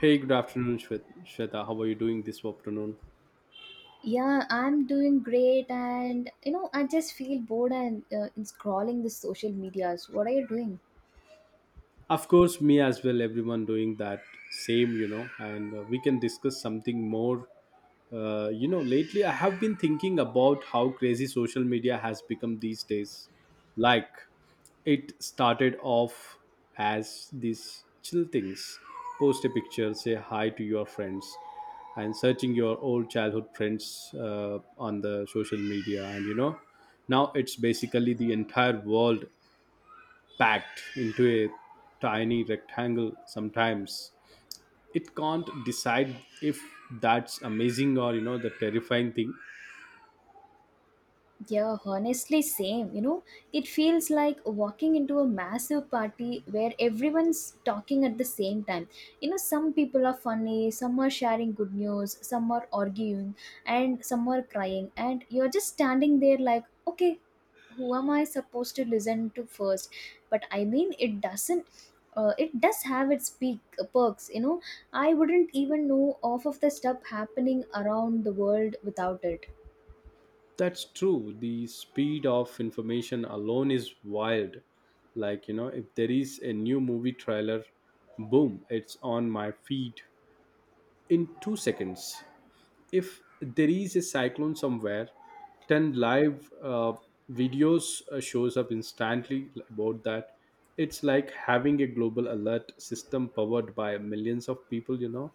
Hey, good afternoon, Shweta. How are you doing this afternoon? Yeah, I'm doing great, and I just feel bored and in scrolling the social medias. What are you doing? Of course, me as well, everyone doing that same, and we can discuss something more. Lately I have been thinking about how crazy social media has become these days. Like, it started off as these chill things, post a picture, say hi to your friends, and searching your old childhood friends on the social media. And, you know, now it's basically the entire world packed into a tiny rectangle. Sometimes it can't decide if that's amazing or, you know, the terrifying thing. Yeah, honestly, same. It feels like walking into a massive party where everyone's talking at the same time. You know, some people are funny, some are sharing good news, some are arguing, and some are crying. And you're just standing there like, okay, who am I supposed to listen to first? But I mean, it doesn't. It does have its peak perks, you know. I wouldn't even know off of the stuff happening around the world without it. That's true, the speed of information alone is wild. Like, you know, if there is a new movie trailer, boom, it's on my feed in 2 seconds. If there is a cyclone somewhere, 10 live videos shows up instantly about that. It's like having a global alert system powered by millions of people, you know.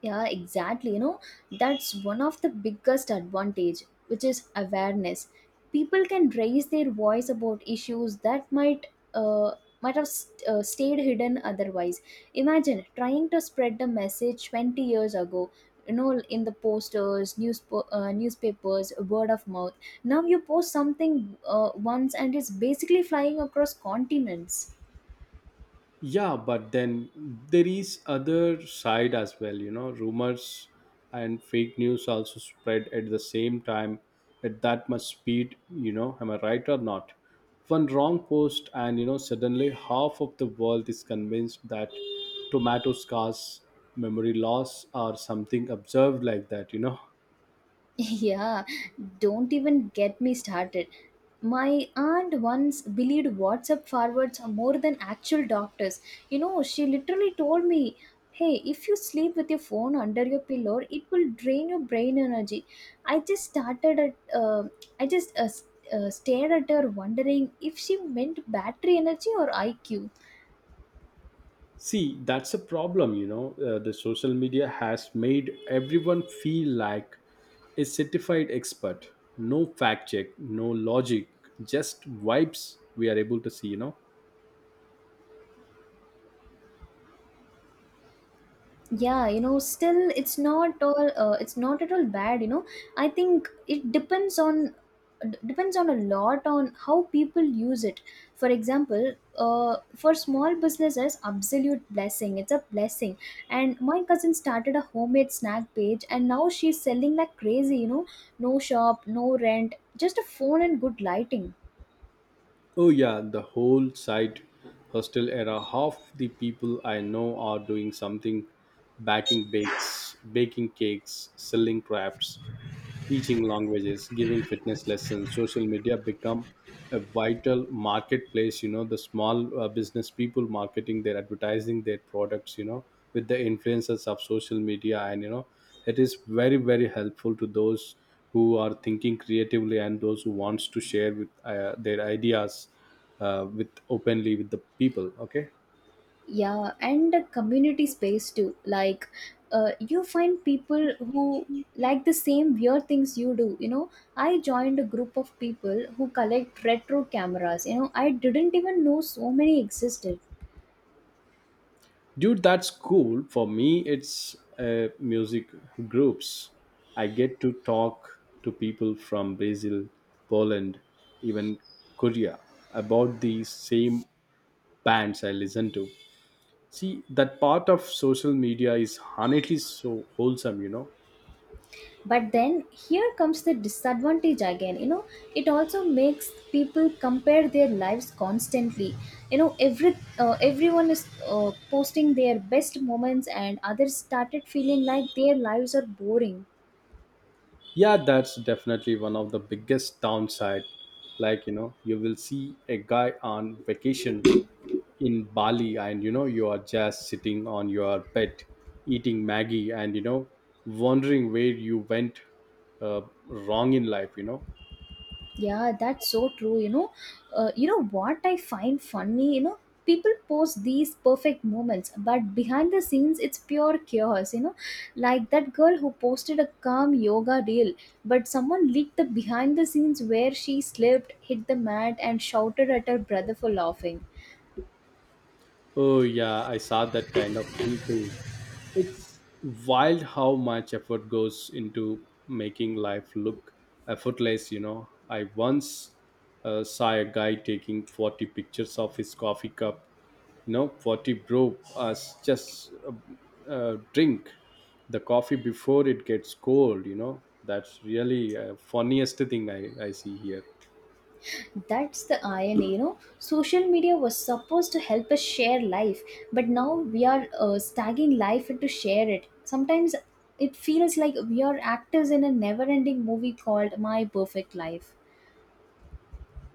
Yeah, exactly. That's one of the biggest advantage, which is awareness. People can raise their voice about issues that might uh, stayed hidden otherwise. Imagine trying to spread the message 20 years ago, you know, in the posters, news, newspapers, word of mouth. Now you post something once and it's basically flying across continents. Yeah, but then there is other side as well, you know, rumors and fake news also spread at the same time, at that much speed, you know, am I right or not? One wrong post and, you know, suddenly half of the world is convinced that tomato scars memory loss or something observed like that, you know. Yeah, don't even get me started. My aunt once believed WhatsApp forwards are more than actual doctors. You know, she literally told me, hey, if you sleep with your phone under your pillow, it will drain your brain energy. I just started at, I just uh, s- stared at her, wondering if she meant battery energy or IQ. See, that's a problem, you know. The social media has made everyone feel like a certified expert. No fact check, no logic, just vibes we are able to see, you know. Yeah, you know, still it's not at all bad, you know. I think it depends on d- depends on a lot on how people use it. For example, for small businesses, absolute blessing. It's a blessing. And my cousin started a homemade snack page, and now she's selling like crazy, you know. No shop, no rent, just a phone and good lighting. Oh, yeah, the whole site hostel era, half the people I know are doing something, baking bakes, baking cakes, selling crafts, teaching languages, giving fitness lessons, social media become a vital marketplace. You know, the small business people marketing their advertising their products. You know, with the influences of social media, and you know, it is very very helpful to those who are thinking creatively and those who wants to share with their ideas with openly with the people. Okay. Yeah, and the community space too. Like, you find people who like the same weird things you do. You know, I joined a group of people who collect retro cameras. You know, I didn't even know so many existed. Dude, that's cool. For me, it's music groups. I get to talk to people from Brazil, Poland, even Korea about the same bands I listen to. See, that part of social media is honestly so wholesome, you know. But then here comes the disadvantage again. You know, it also makes people compare their lives constantly. You know, everyone is posting their best moments, and others started feeling like their lives are boring. Yeah, that's definitely one of the biggest downside. Like, you know, you will see a guy on vacation in Bali and you know you are just sitting on your bed eating Maggie and, you know, wondering where you went uh, wrong in life, you know. Yeah, that's so true. You know what I find funny. You know, people post these perfect moments, but behind the scenes, it's pure chaos. You know, like that girl who posted a calm yoga reel, but someone leaked the behind the scenes where she slipped, hit the mat, and shouted at her brother for laughing. Oh yeah, I saw that kind of thing too. It's wild how much effort goes into making life look effortless, you know. I once saw a guy taking 40 pictures of his coffee cup, you know, 40 brew as just drink the coffee before it gets cold, you know. That's really funniest thing I see here. That's the irony, you know. Social media was supposed to help us share life, but now we are stagging life to share it. Sometimes it feels like we are actors in a never ending movie called My Perfect Life.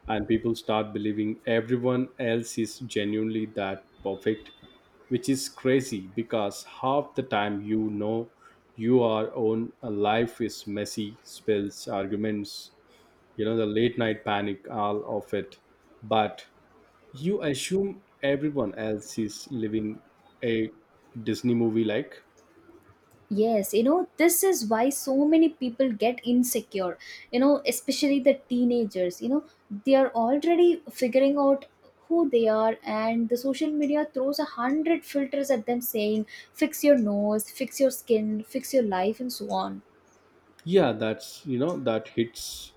And people start believing everyone else is genuinely that perfect, which is crazy because half the time, you know, your own life is messy, spills, arguments, you know, the late night panic, all of it. But you assume everyone else is living a Disney movie, like. Yes, you know, this is why so many people get insecure, you know, especially the teenagers. You know, they are already figuring out who they are, and the social media throws a hundred filters at them saying, fix your nose, fix your skin, fix your life, and so on. Yeah, that's, you know, that hits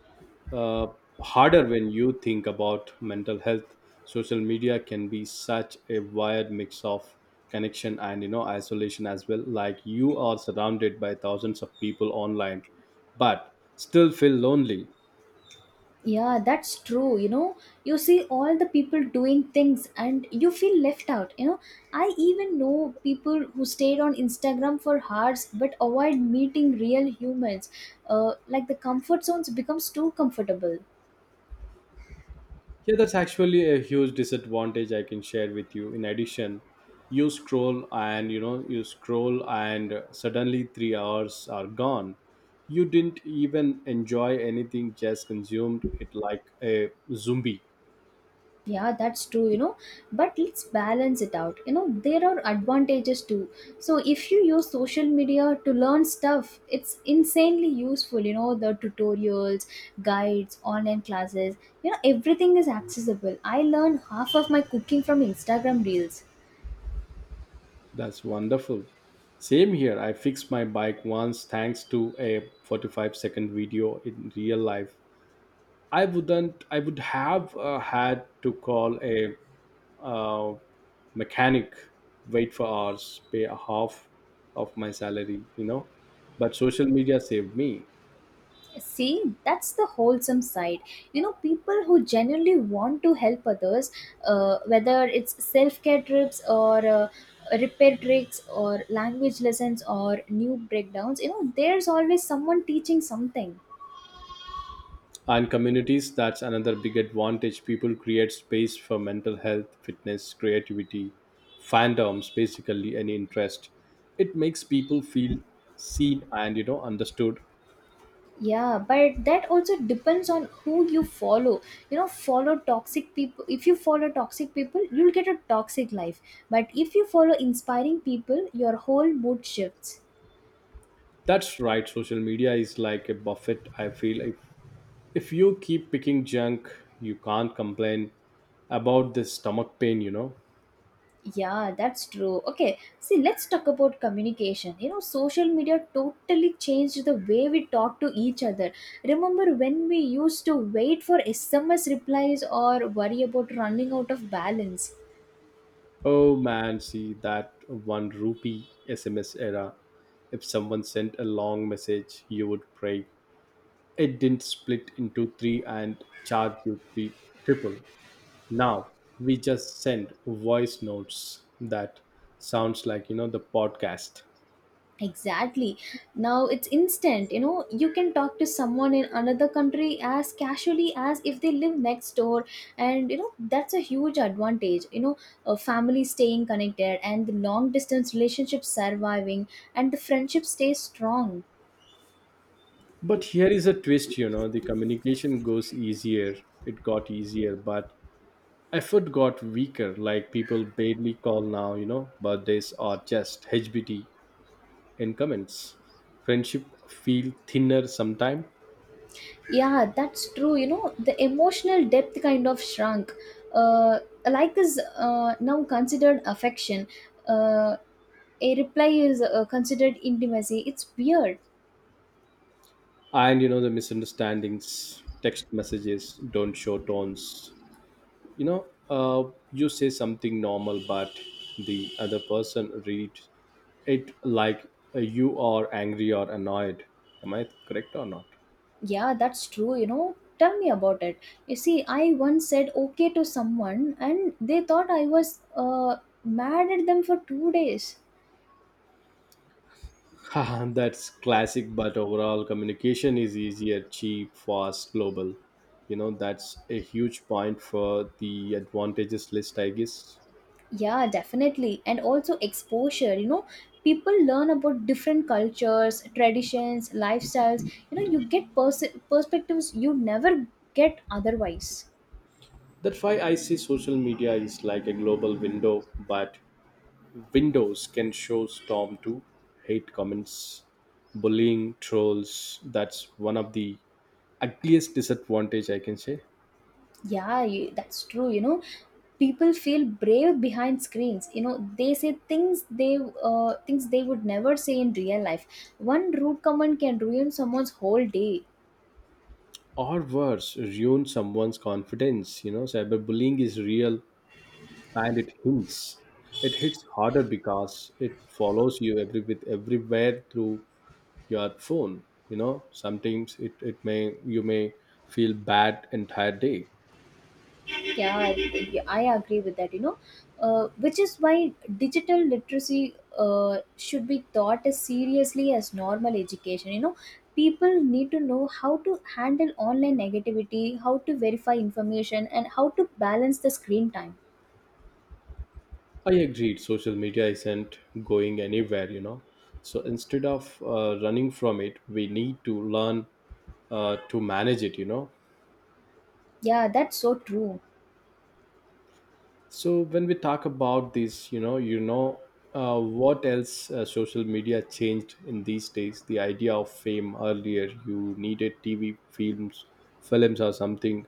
uh, harder when you think about mental health. Social media can be such a wired mix of connection and, you know, isolation as well. Like, you are surrounded by thousands of people online but still feel lonely. Yeah, that's true. You know, you see all the people doing things and you feel left out. You know, I even know people who stayed on Instagram for hours but avoid meeting real humans. Like the comfort zones becomes too comfortable. Yeah, that's actually a huge disadvantage I can share with you. In addition, you scroll and, you scroll and suddenly 3 hours are gone. You didn't even enjoy anything, just consumed it like a zombie. Yeah, that's true, you know. But let's balance it out. You know, there are advantages too. So if you use social media to learn stuff, it's insanely useful, you know. The tutorials, guides, online classes, you know, everything is accessible. I learned half of my cooking from Instagram reels. That's wonderful. Same here. I fixed my bike once thanks to a 45-second video in real life. I wouldn't. I would have had to call a uh, mechanic, wait for hours, pay a half of my salary. You know, but social media saved me. See, that's the wholesome side. You know, people who genuinely want to help others, whether it's self care trips or repair tricks or language lessons or new breakdowns, you know, there's always someone teaching something. And communities, that's another big advantage. People create space for mental health, fitness, creativity, fandoms, basically any interest. It makes people feel seen and, you know, understood. Yeah, but that also depends on who you follow. You know, follow toxic people. If you follow toxic people, you'll get a toxic life. But if you follow inspiring people, your whole mood shifts. That's right. Social media is like a buffet, I feel. If you keep picking junk, you can't complain about this stomach pain, you know. Yeah, that's true. Okay, see, let's talk about communication. You know, social media totally changed the way we talk to each other. Remember when we used to wait for SMS replies or worry about running out of balance? Oh man, see that one rupee SMS era. If someone sent a long message, you would pray it didn't split into three and charge you the triple. Now we just send voice notes that sounds like, you know, the podcast. Exactly. Now it's instant. You know, you can talk to someone in another country as casually as if they live next door. And, you know, that's a huge advantage. You know, a family staying connected, and the long distance relationship surviving, and the friendship stays strong. But here is a twist, you know, the communication goes easier. It got easier, but effort got weaker. Like, people barely call now, you know, birthdays are just HBT in comments. Friendship feel thinner sometime. Yeah, that's true. You know, the emotional depth kind of shrunk. Uh, like is now considered affection. Uh, a reply is considered intimacy. It's weird. And you know, the misunderstandings, text messages don't show tones. You know, you say something normal, but the other person reads it like you are angry or annoyed. Am I correct or not? Yeah, that's true. You know, tell me about it. You see, I once said okay to someone and they thought I was mad at them for 2 days. Haha, that's classic, but overall communication is easier, cheap, fast, global. You know, that's a huge point for the advantages list, I guess. Yeah, definitely. And also exposure, you know, people learn about different cultures, traditions, lifestyles. You know, you get perspectives you never get otherwise. That's why I see social media is like a global window, but windows can show storm to hate comments, bullying, trolls. That's one of the ugliest disadvantage I can say. Yeah, that's true. You know, people feel brave behind screens. You know, they say things they would never say in real life. One rude comment can ruin someone's whole day. Or worse, ruin someone's confidence. You know, cyberbullying is real and it hints. It hits harder because it follows you every with everywhere through your phone. You know, sometimes it, it may you may feel bad entire day. Yeah, I agree with that. You know, which is why digital literacy should be taught as seriously as normal education. You know, people need to know how to handle online negativity, how to verify information, and how to balance the screen time. I agreed. Social media isn't going anywhere. You know, so instead of running from it, we need to learn to manage it, you know. Yeah, that's so true. So when we talk about this, what else social media changed in these days? The idea of fame earlier, you needed TV films, films or something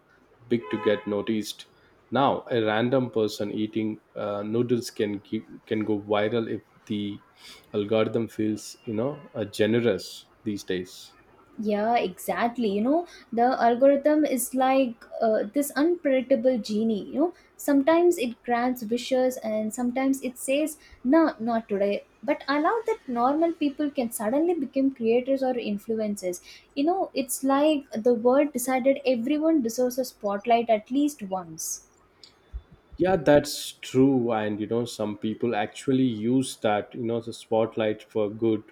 big to get noticed. Now, a random person eating noodles can go viral if the algorithm feels, generous these days. Yeah, exactly. You know, the algorithm is like this unpredictable genie. You know, sometimes it grants wishes and sometimes it says, no, not today. But I love that normal people can suddenly become creators or influencers. You know, it's like the world decided everyone deserves a spotlight at least once. Yeah, that's true. And you know, some people actually use that, you know, the spotlight for good,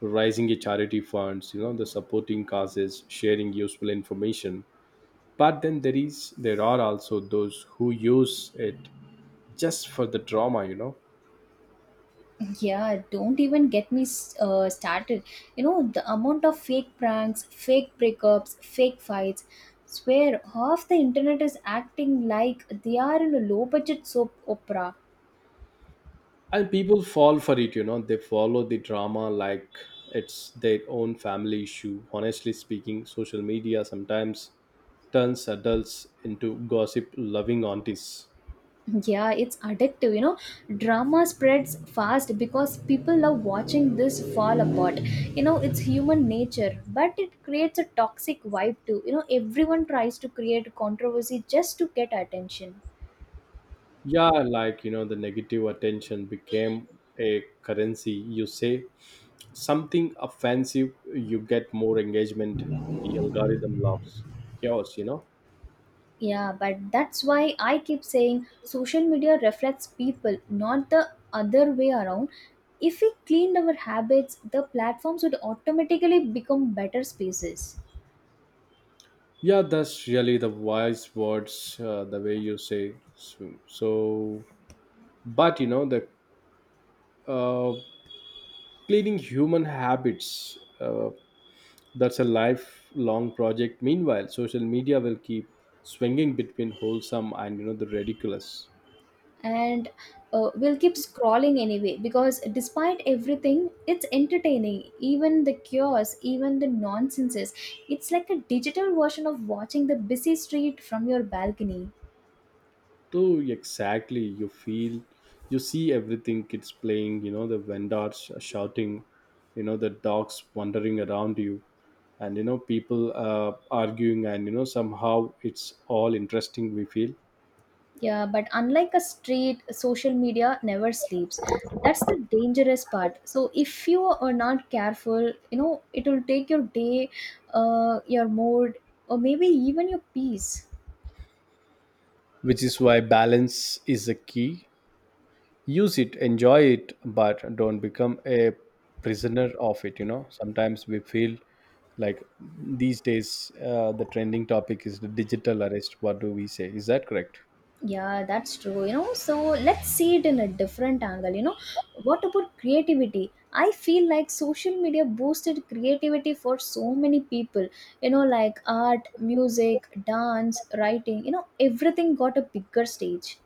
raising a charity funds, you know, the supporting causes, sharing useful information. But then there are also those who use it just for the drama, you know. Yeah, don't even get me started. You know, the amount of fake pranks, fake breakups, fake fights. Swear, half the internet is acting like they are in a low budget soap opera. And people fall for it, you know, they follow the drama like it's their own family issue. Honestly speaking, social media sometimes turns adults into gossip loving aunties. Yeah, it's addictive, you know. Drama spreads fast because people love watching this fall apart. You know, it's human nature, but it creates a toxic vibe too. You know, everyone tries to create controversy just to get attention. Yeah, like, you know, the negative attention became a currency. You say something offensive, you get more engagement. The algorithm loves chaos, you know. Yeah, but that's why I keep saying social media reflects people, not the other way around. If we cleaned our habits, the platforms would automatically become better spaces. Yeah, that's really the wise words, the way you say. But you know, the uh, cleaning human habits, that's a lifelong project. Meanwhile, social media will keep swinging between wholesome and, you know, the ridiculous. And we'll keep scrolling anyway because despite everything, it's entertaining. Even the chaos, even the nonsenses. It's like a digital version of watching the busy street from your balcony. So exactly you feel, you see everything, kids playing, you know, the vendors shouting, you know, the dogs wandering around you, and, you know, people arguing and, you know, somehow it's all interesting, we feel. Yeah, but unlike a street, social media never sleeps. That's the dangerous part. So if you are not careful, you know, it will take your day, your mood, or maybe even your peace. Which is why balance is a key. Use it, enjoy it, but don't become a prisoner of it, you know. Sometimes we feel like these days the trending topic is the digital arrest. What do we say, is that correct? Yeah, that's true. You know, so let's see it in a different angle. You know, what about creativity? I feel like social media boosted creativity for so many people. You know, like art, music, dance, writing, you know, everything got a bigger stage.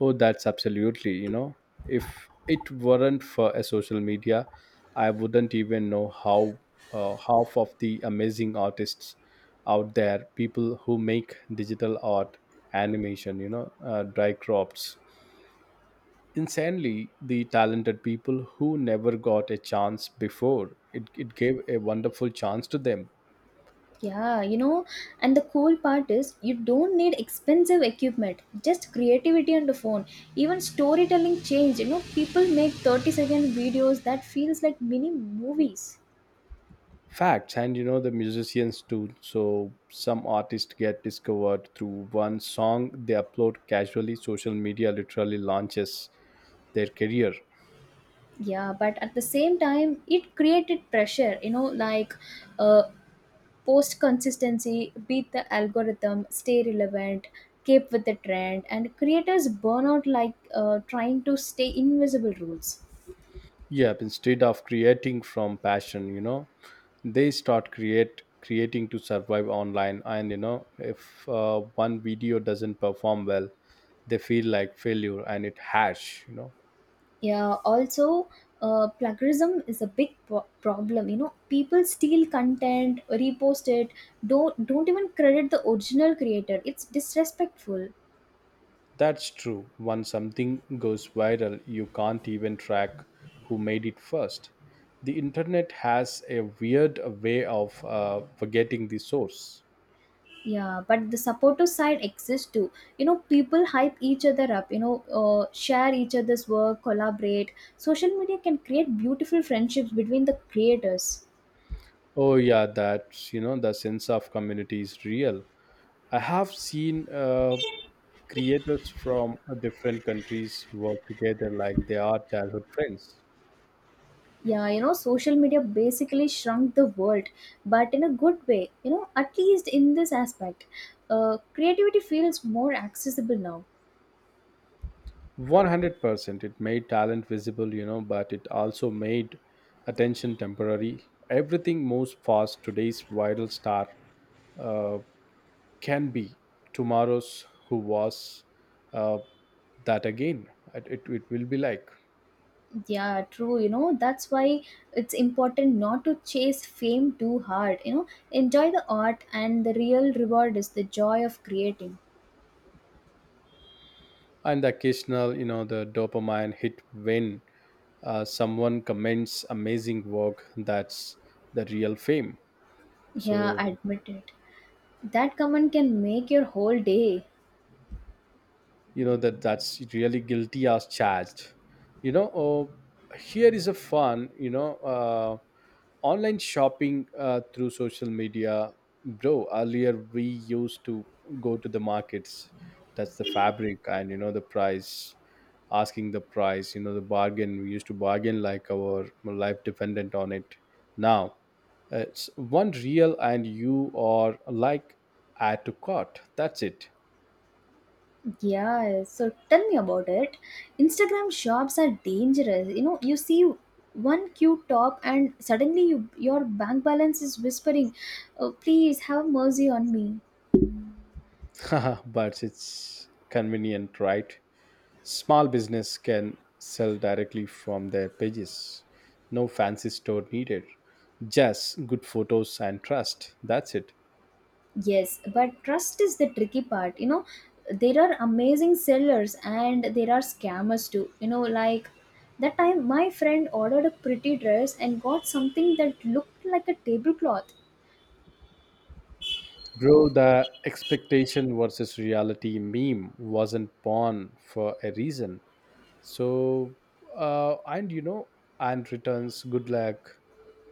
Oh, that's absolutely, you know, if it weren't for a social media, I wouldn't even know how half of the amazing artists out there, people who make digital art, animation, you know, dry crops. Insanely, the talented people who never got a chance before, it gave a wonderful chance to them. Yeah, you know, and the cool part is you don't need expensive equipment, just creativity on the phone. Even storytelling changed. You know, people make 30-second videos that feels like mini movies. Facts, and you know the musicians too, so some artists get discovered through one song they upload casually. Social media literally launches their career. Yeah, but at the same time, it created pressure, you know, like uh, post consistency, beat the algorithm, stay relevant, keep with the trend, and creators burn out like trying to stay invisible rules. Yeah, instead of creating from passion, you know, they start create creating to survive online and, you know, if one video doesn't perform well they feel like failure and it harsh, you know. Yeah, also, plagiarism is a big problem, you know. People steal content, repost it, don't even credit the original creator. It's disrespectful. That's true. Once something goes viral, you can't even track who made it first. The internet has a weird way of forgetting the source. Yeah, but the supportive side exists too. You know, people hype each other up, you know, share each other's work, collaborate. Social media can create beautiful friendships between the creators. Oh yeah, that's, you know, the sense of community is real. I have seen creators from different countries work together like they are childhood friends. Yeah, you know, social media basically shrunk the world, but in a good way, you know, at least in this aspect. Creativity feels more accessible now. 100% it made talent visible, you know, but it also made attention temporary. Everything moves fast. Today's viral star uh, can be tomorrow's who was uh, that again. It will be like. Yeah, true, you know, that's why it's important not to chase fame too hard, you know. Enjoy the art, and the real reward is the joy of creating. And the occasional, you know, the dopamine hit when someone comments amazing work, that's the real fame. Yeah, so admit it. That comment can make your whole day. you know, that, that's really guilty as charged, you know. Oh, here is a fun, you know, online shopping through social media, bro. Earlier we used to go to the markets, that's the fabric, and, you know, the price, asking the price, you know, the bargain. We used to bargain like our life dependent on it. Now it's one real and you are like add to cart, that's it. Yeah, so tell me about it. Instagram shops are dangerous. You know, you see one cute top and suddenly you, your bank balance is whispering, oh, please have mercy on me. But it's convenient, right? Small business can sell directly from their pages. No fancy store needed. Just good photos and trust. That's it. Yes, but trust is the tricky part. You know, there are amazing sellers and there are scammers too. You know, like that time my friend ordered a pretty dress and got something that looked like a tablecloth. Bro, the expectation versus reality meme wasn't born for a reason. So, uh, and you know, and returns, good luck.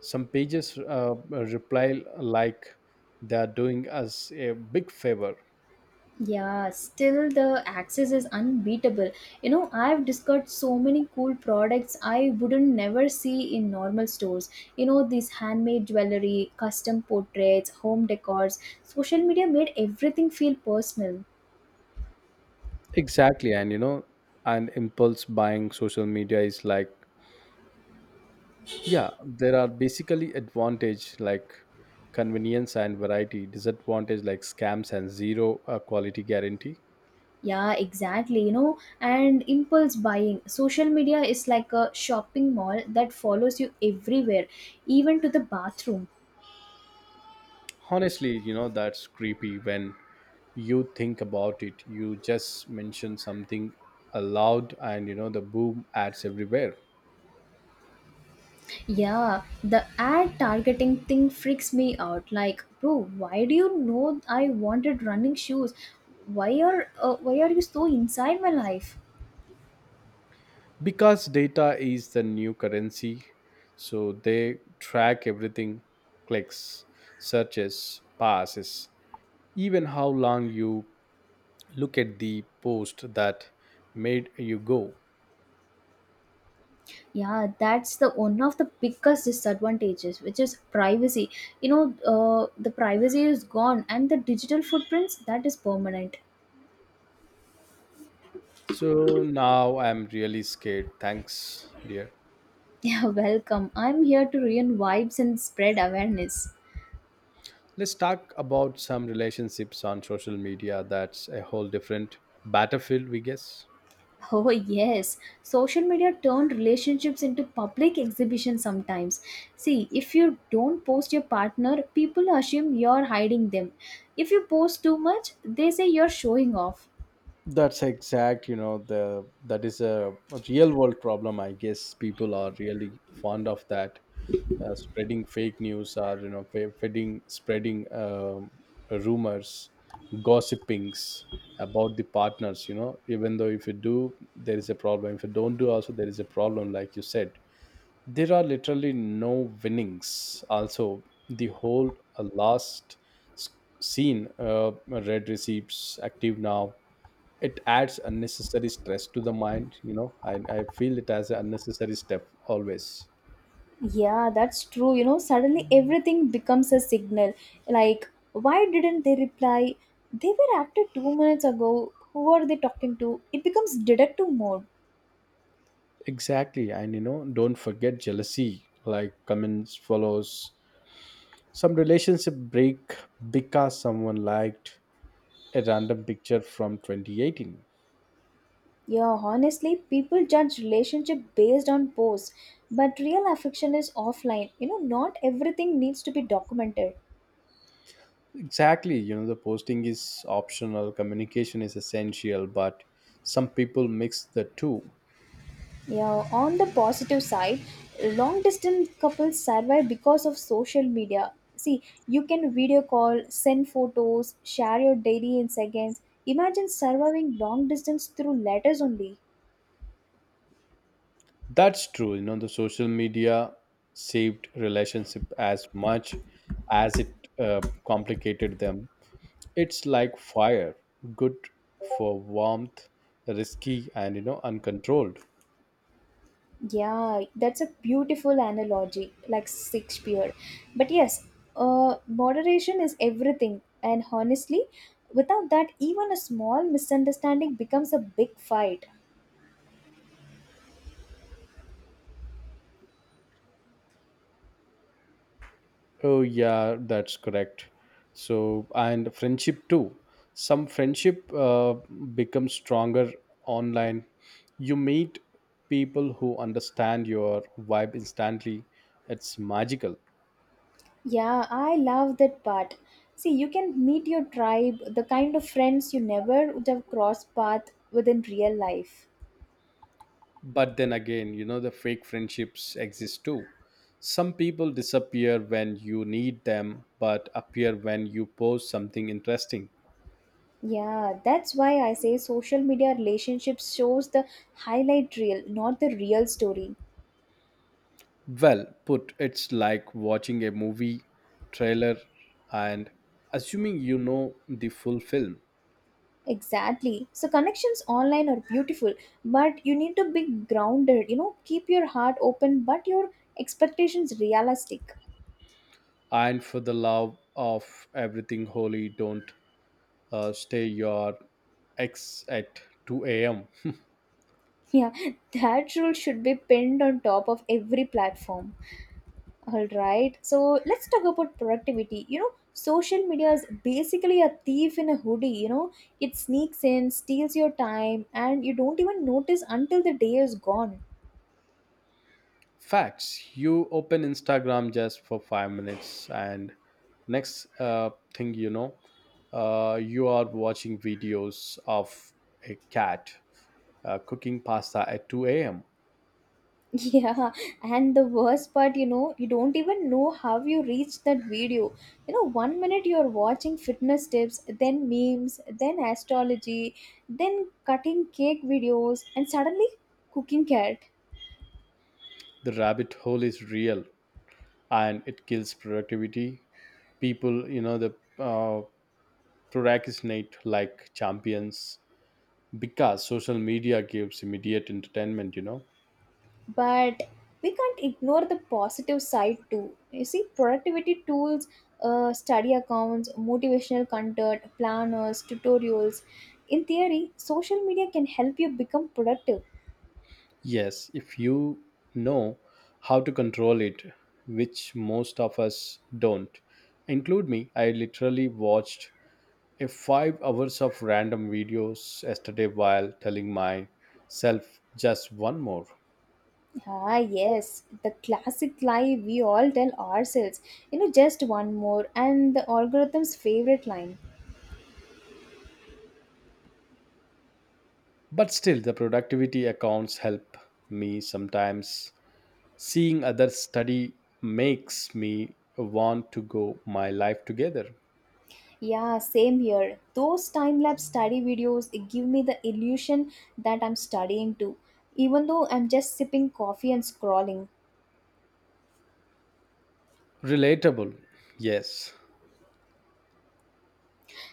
Some pages reply like they're doing us a big favor. Yeah, still the access is unbeatable. You know, I've discovered so many cool products I wouldn't never see in normal stores. You know, these handmade jewelry, custom portraits, home decors. Social media made everything feel personal. Exactly. And impulse buying social media is like, yeah, there are basically advantage like convenience and variety, disadvantage like scams and zero quality guarantee. Yeah, exactly. You know, and impulse buying. Social media is like a shopping mall that follows you everywhere, even to the bathroom. Honestly, you know, that's creepy when you think about it. You just mention something aloud and you know the boom, ads everywhere. Yeah, the ad targeting thing freaks me out. Like, bro, why do you know I wanted running shoes? Why are you so inside my life? Because data is the new currency, so they track everything, clicks, searches, passes, even how long you look at the post that made you go. Yeah, that's the one of the biggest disadvantages, which is privacy. The privacy is gone, and the digital footprints that is permanent. So now I'm really scared, thanks dear. Yeah, welcome. I'm here to ruin vibes and spread awareness. Let's talk about some relationships on social media. That's a whole different battlefield, we guess. Oh, yes. Social media turned relationships into public exhibitions sometimes. See, if you don't post your partner, people assume you're hiding them. If you post too much, they say you're showing off. That's exact, you know, the that is a real world problem. I guess people are really fond of that, spreading fake news, or you know, feeding, spreading, rumors, gossipings about the partners. You know, even though if you do, there is a problem. If you don't do, also there is a problem. Like you said, there are literally no winnings. Also, the whole last s- scene, red receipts active now, it adds unnecessary stress to the mind. You know, I feel it as an unnecessary step always. Yeah, that's true. You know, suddenly everything becomes a signal. Like, why didn't they reply? They were active 2 minutes ago. Who are they talking to? It becomes detective mode. Exactly, and you know, don't forget jealousy, like comments follows, some relationship break because someone liked a random picture from 2018. Yeah, honestly, people judge relationship based on posts, but real affection is offline. You know, not everything needs to be documented. Exactly, you know, the posting is optional, communication is essential, but some people mix the two. Yeah, on the positive side, long distance couples survive because of social media. See, you can video call, send photos, share your diary in seconds. Imagine surviving long distance through letters only. That's true. You know, the social media saved relationship as much as it complicated them. It's like fire, good for warmth, risky, and you know, uncontrolled. Yeah, that's a beautiful analogy, like Shakespeare. But yes, moderation is everything. And honestly, without that, even a small misunderstanding becomes a big fight. Oh yeah, that's correct. So and friendship too. Some friendship becomes stronger online. You meet people who understand your vibe instantly. It's magical. Yeah, I love that part. See, you can meet your tribe, the kind of friends you never would have crossed path with in real life. But then again, you know, the fake friendships exist too. Some people disappear when you need them, but appear when you post something interesting. Yeah, that's why I say social media relationships shows the highlight reel, not the real story. Well put, it's like watching a movie trailer and assuming you know the full film. Exactly. So connections online are beautiful, but you need to be grounded. You know, keep your heart open, but your expectations realistic. And for the love of everything holy, don't stay your ex at 2 a.m. Yeah, that rule should be pinned on top of every platform. All right. So let's talk about productivity. You know, social media is basically a thief in a hoodie. You know, it sneaks in, steals your time, and you don't even notice until the day is gone. Facts. You open Instagram just for 5 minutes, and next thing you know, you are watching videos of a cat cooking pasta at 2 a.m. Yeah, and the worst part, you know, you don't even know how you reached that video. You know, one minute you're watching fitness tips, then memes, then astrology, then cutting cake videos, and suddenly cooking cat. The rabbit hole is real, and it kills productivity. People, you know, the uh, procrastinate like champions because social media gives immediate entertainment. You know. But we can't ignore the positive side too. You see, productivity tools, study accounts, motivational content, planners, tutorials. In theory, social media can help you become productive. Yes, if you know how to control it, which most of us don't. Include me, I literally watched a 5 hours of random videos yesterday while telling myself just one more. Ah, yes, the classic lie we all tell ourselves. You know, just one more, and the algorithm's favorite line. But still the productivity accounts help me sometimes. Seeing others study makes me want to go my life together. Yeah, same here. Those time lapse study videos they give me the illusion that I'm studying too, even though I'm just sipping coffee and scrolling. Relatable. Yes.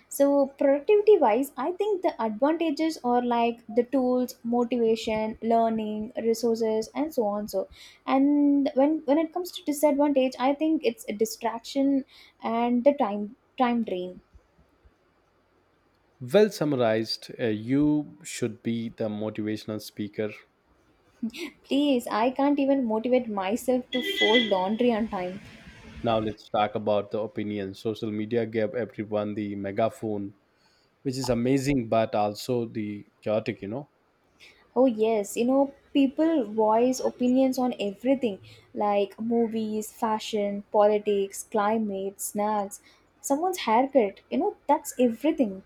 So, productivity wise, I think the advantages are like the tools, motivation, learning, resources, and so on. So, and when it comes to disadvantage, I think it's a distraction and the time drain. Well summarized, you should be the motivational speaker. Please, I can't even motivate myself to fold laundry on time. Now let's talk about the opinion. Social media gave everyone the megaphone, which is amazing, but also the chaotic, you know. Oh yes, you know people voice opinions on everything like movies, fashion, politics, climate, snacks, someone's haircut. You know that's everything.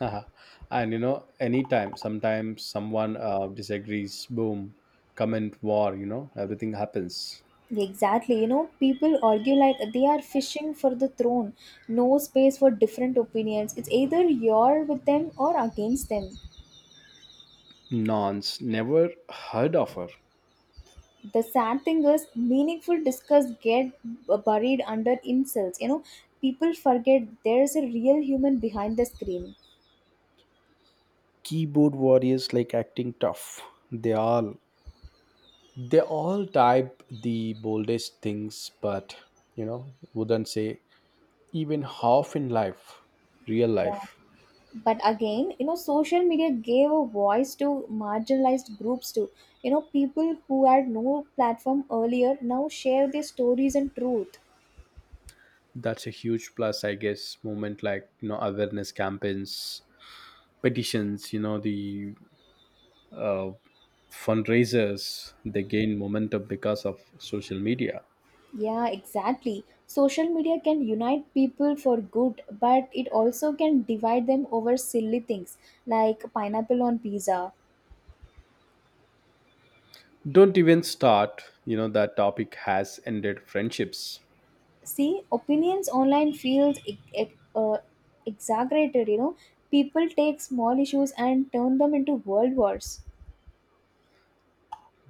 And you know, anytime, sometimes someone disagrees, boom, comment war, you know, everything happens. Exactly, you know, people argue like they are fishing for the throne. No space for different opinions. It's either you're with them or against them. Nonce, never heard of her. The sad thing is, meaningful discuss get buried under insults. You know, people forget there's a real human behind the screen. Keyboard warriors like acting tough. They all they all type the boldest things, but you know wouldn't say even half in life real Yeah. life. But again, you know, social media gave a voice to marginalized groups too. You know, people who had no platform earlier now share their stories and truth. That's a huge plus, I guess moment, like you know, awareness campaigns, petitions, you know, the uh, fundraisers, they gain momentum because of social media. Yeah, exactly. Social media can unite people for good, but it also can divide them over silly things like pineapple on pizza. Don't even start, you know that topic has ended friendships. See, opinions online feels exaggerated, you know. People take small issues and turn them into world wars.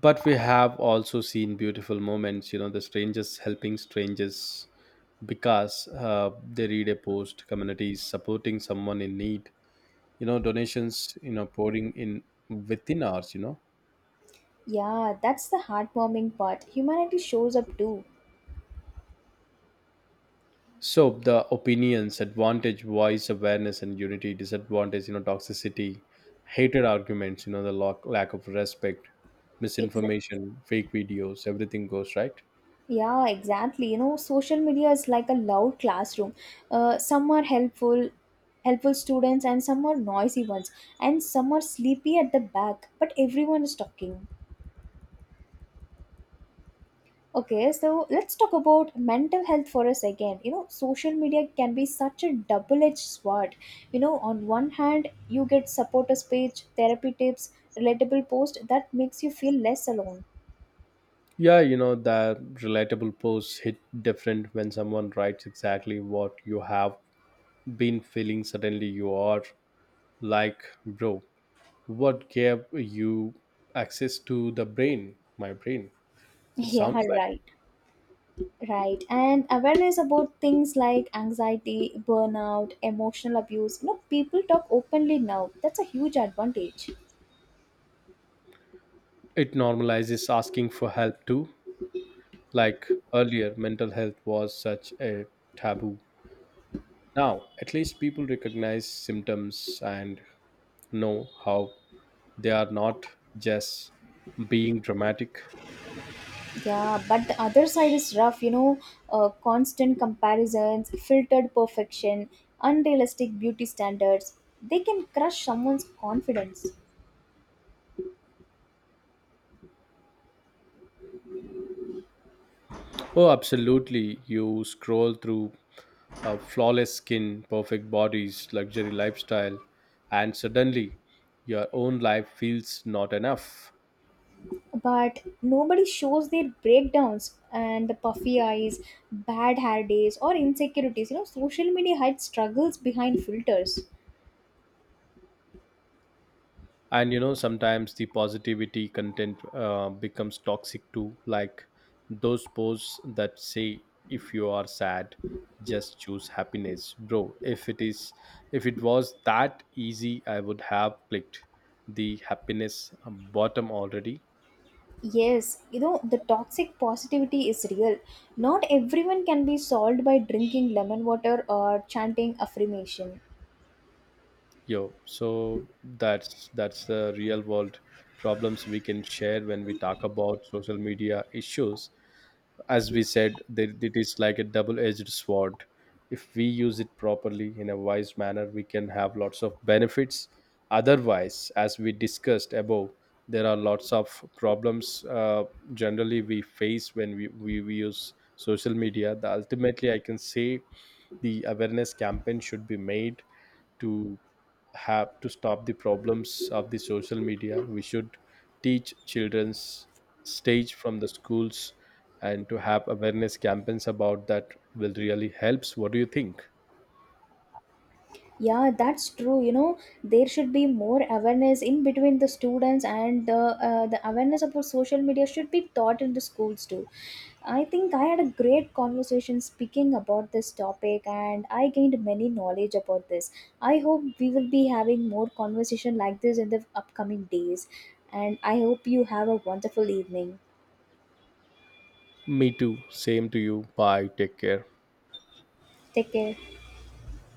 But we have also seen beautiful moments, you know, the strangers helping strangers because they read a post, communities supporting someone in need, you know, donations, you know, pouring in within ours, you know. Yeah, that's the heartwarming part. Humanity shows up too. So the opinions advantage, voice, awareness and unity, disadvantage, you know, toxicity, hated arguments, you know, the lack of respect, misinformation, fake videos, everything goes right. Yeah, exactly. You know, social media is like a loud classroom. Uh, some are helpful, helpful students, and some are noisy ones, and some are sleepy at the back. But everyone is talking. Okay, so let's talk about mental health for a second. You know, social media can be such a double-edged sword. You know, on one hand, you get supporters page, therapy tips, relatable post that makes you feel less alone. Yeah, you know, that relatable posts hit different when someone writes exactly what you have been feeling. Suddenly, you are like, bro, what gave you access to the brain? My brain. It Yeah, sounds like right. Right, and awareness about things like anxiety, burnout, emotional abuse. You know, people talk openly now. That's a huge advantage. it normalizes asking for help too. Like earlier, mental health was such a taboo. Now, at least people recognize symptoms and know how they are not just being dramatic. Yeah, but the other side is rough, you know, constant comparisons, filtered perfection, unrealistic beauty standards. They can crush someone's confidence. Oh, absolutely. You scroll through a flawless skin, perfect bodies, luxury lifestyle, and suddenly your own life feels not enough. But nobody shows their breakdowns and the puffy eyes, bad hair days, or insecurities. You know, social media hides struggles behind filters. And you know, sometimes the positivity content becomes toxic too, like those posts that say, if you are sad, just choose happiness. Bro, if it is, if it was that easy, I would have clicked the happiness bottom already. Yes, you know, the toxic positivity is real. Not everyone can be solved by drinking lemon water or chanting affirmation. Yo, so that's the real world problems we can share when we talk about social media issues. As we said, that it is like a double-edged sword. If we use it properly in a wise manner, we can have lots of benefits. Otherwise, as we discussed above, there are lots of problems generally we face when we use social media. The, ultimately, I can say the awareness campaign should be made to have to stop the problems of the social media. We should teach children's stage from the schools and to have awareness campaigns about that will really helps. What do you think? Yeah, that's true. You know, there should be more awareness in between the students, and the awareness about social media should be taught in the schools too. I think I had a great conversation speaking about this topic, and I gained many knowledge about this. I hope we will be having more conversation like this in the upcoming days, and I hope you have a wonderful evening. Me too, same to you, bye, take care. Take care.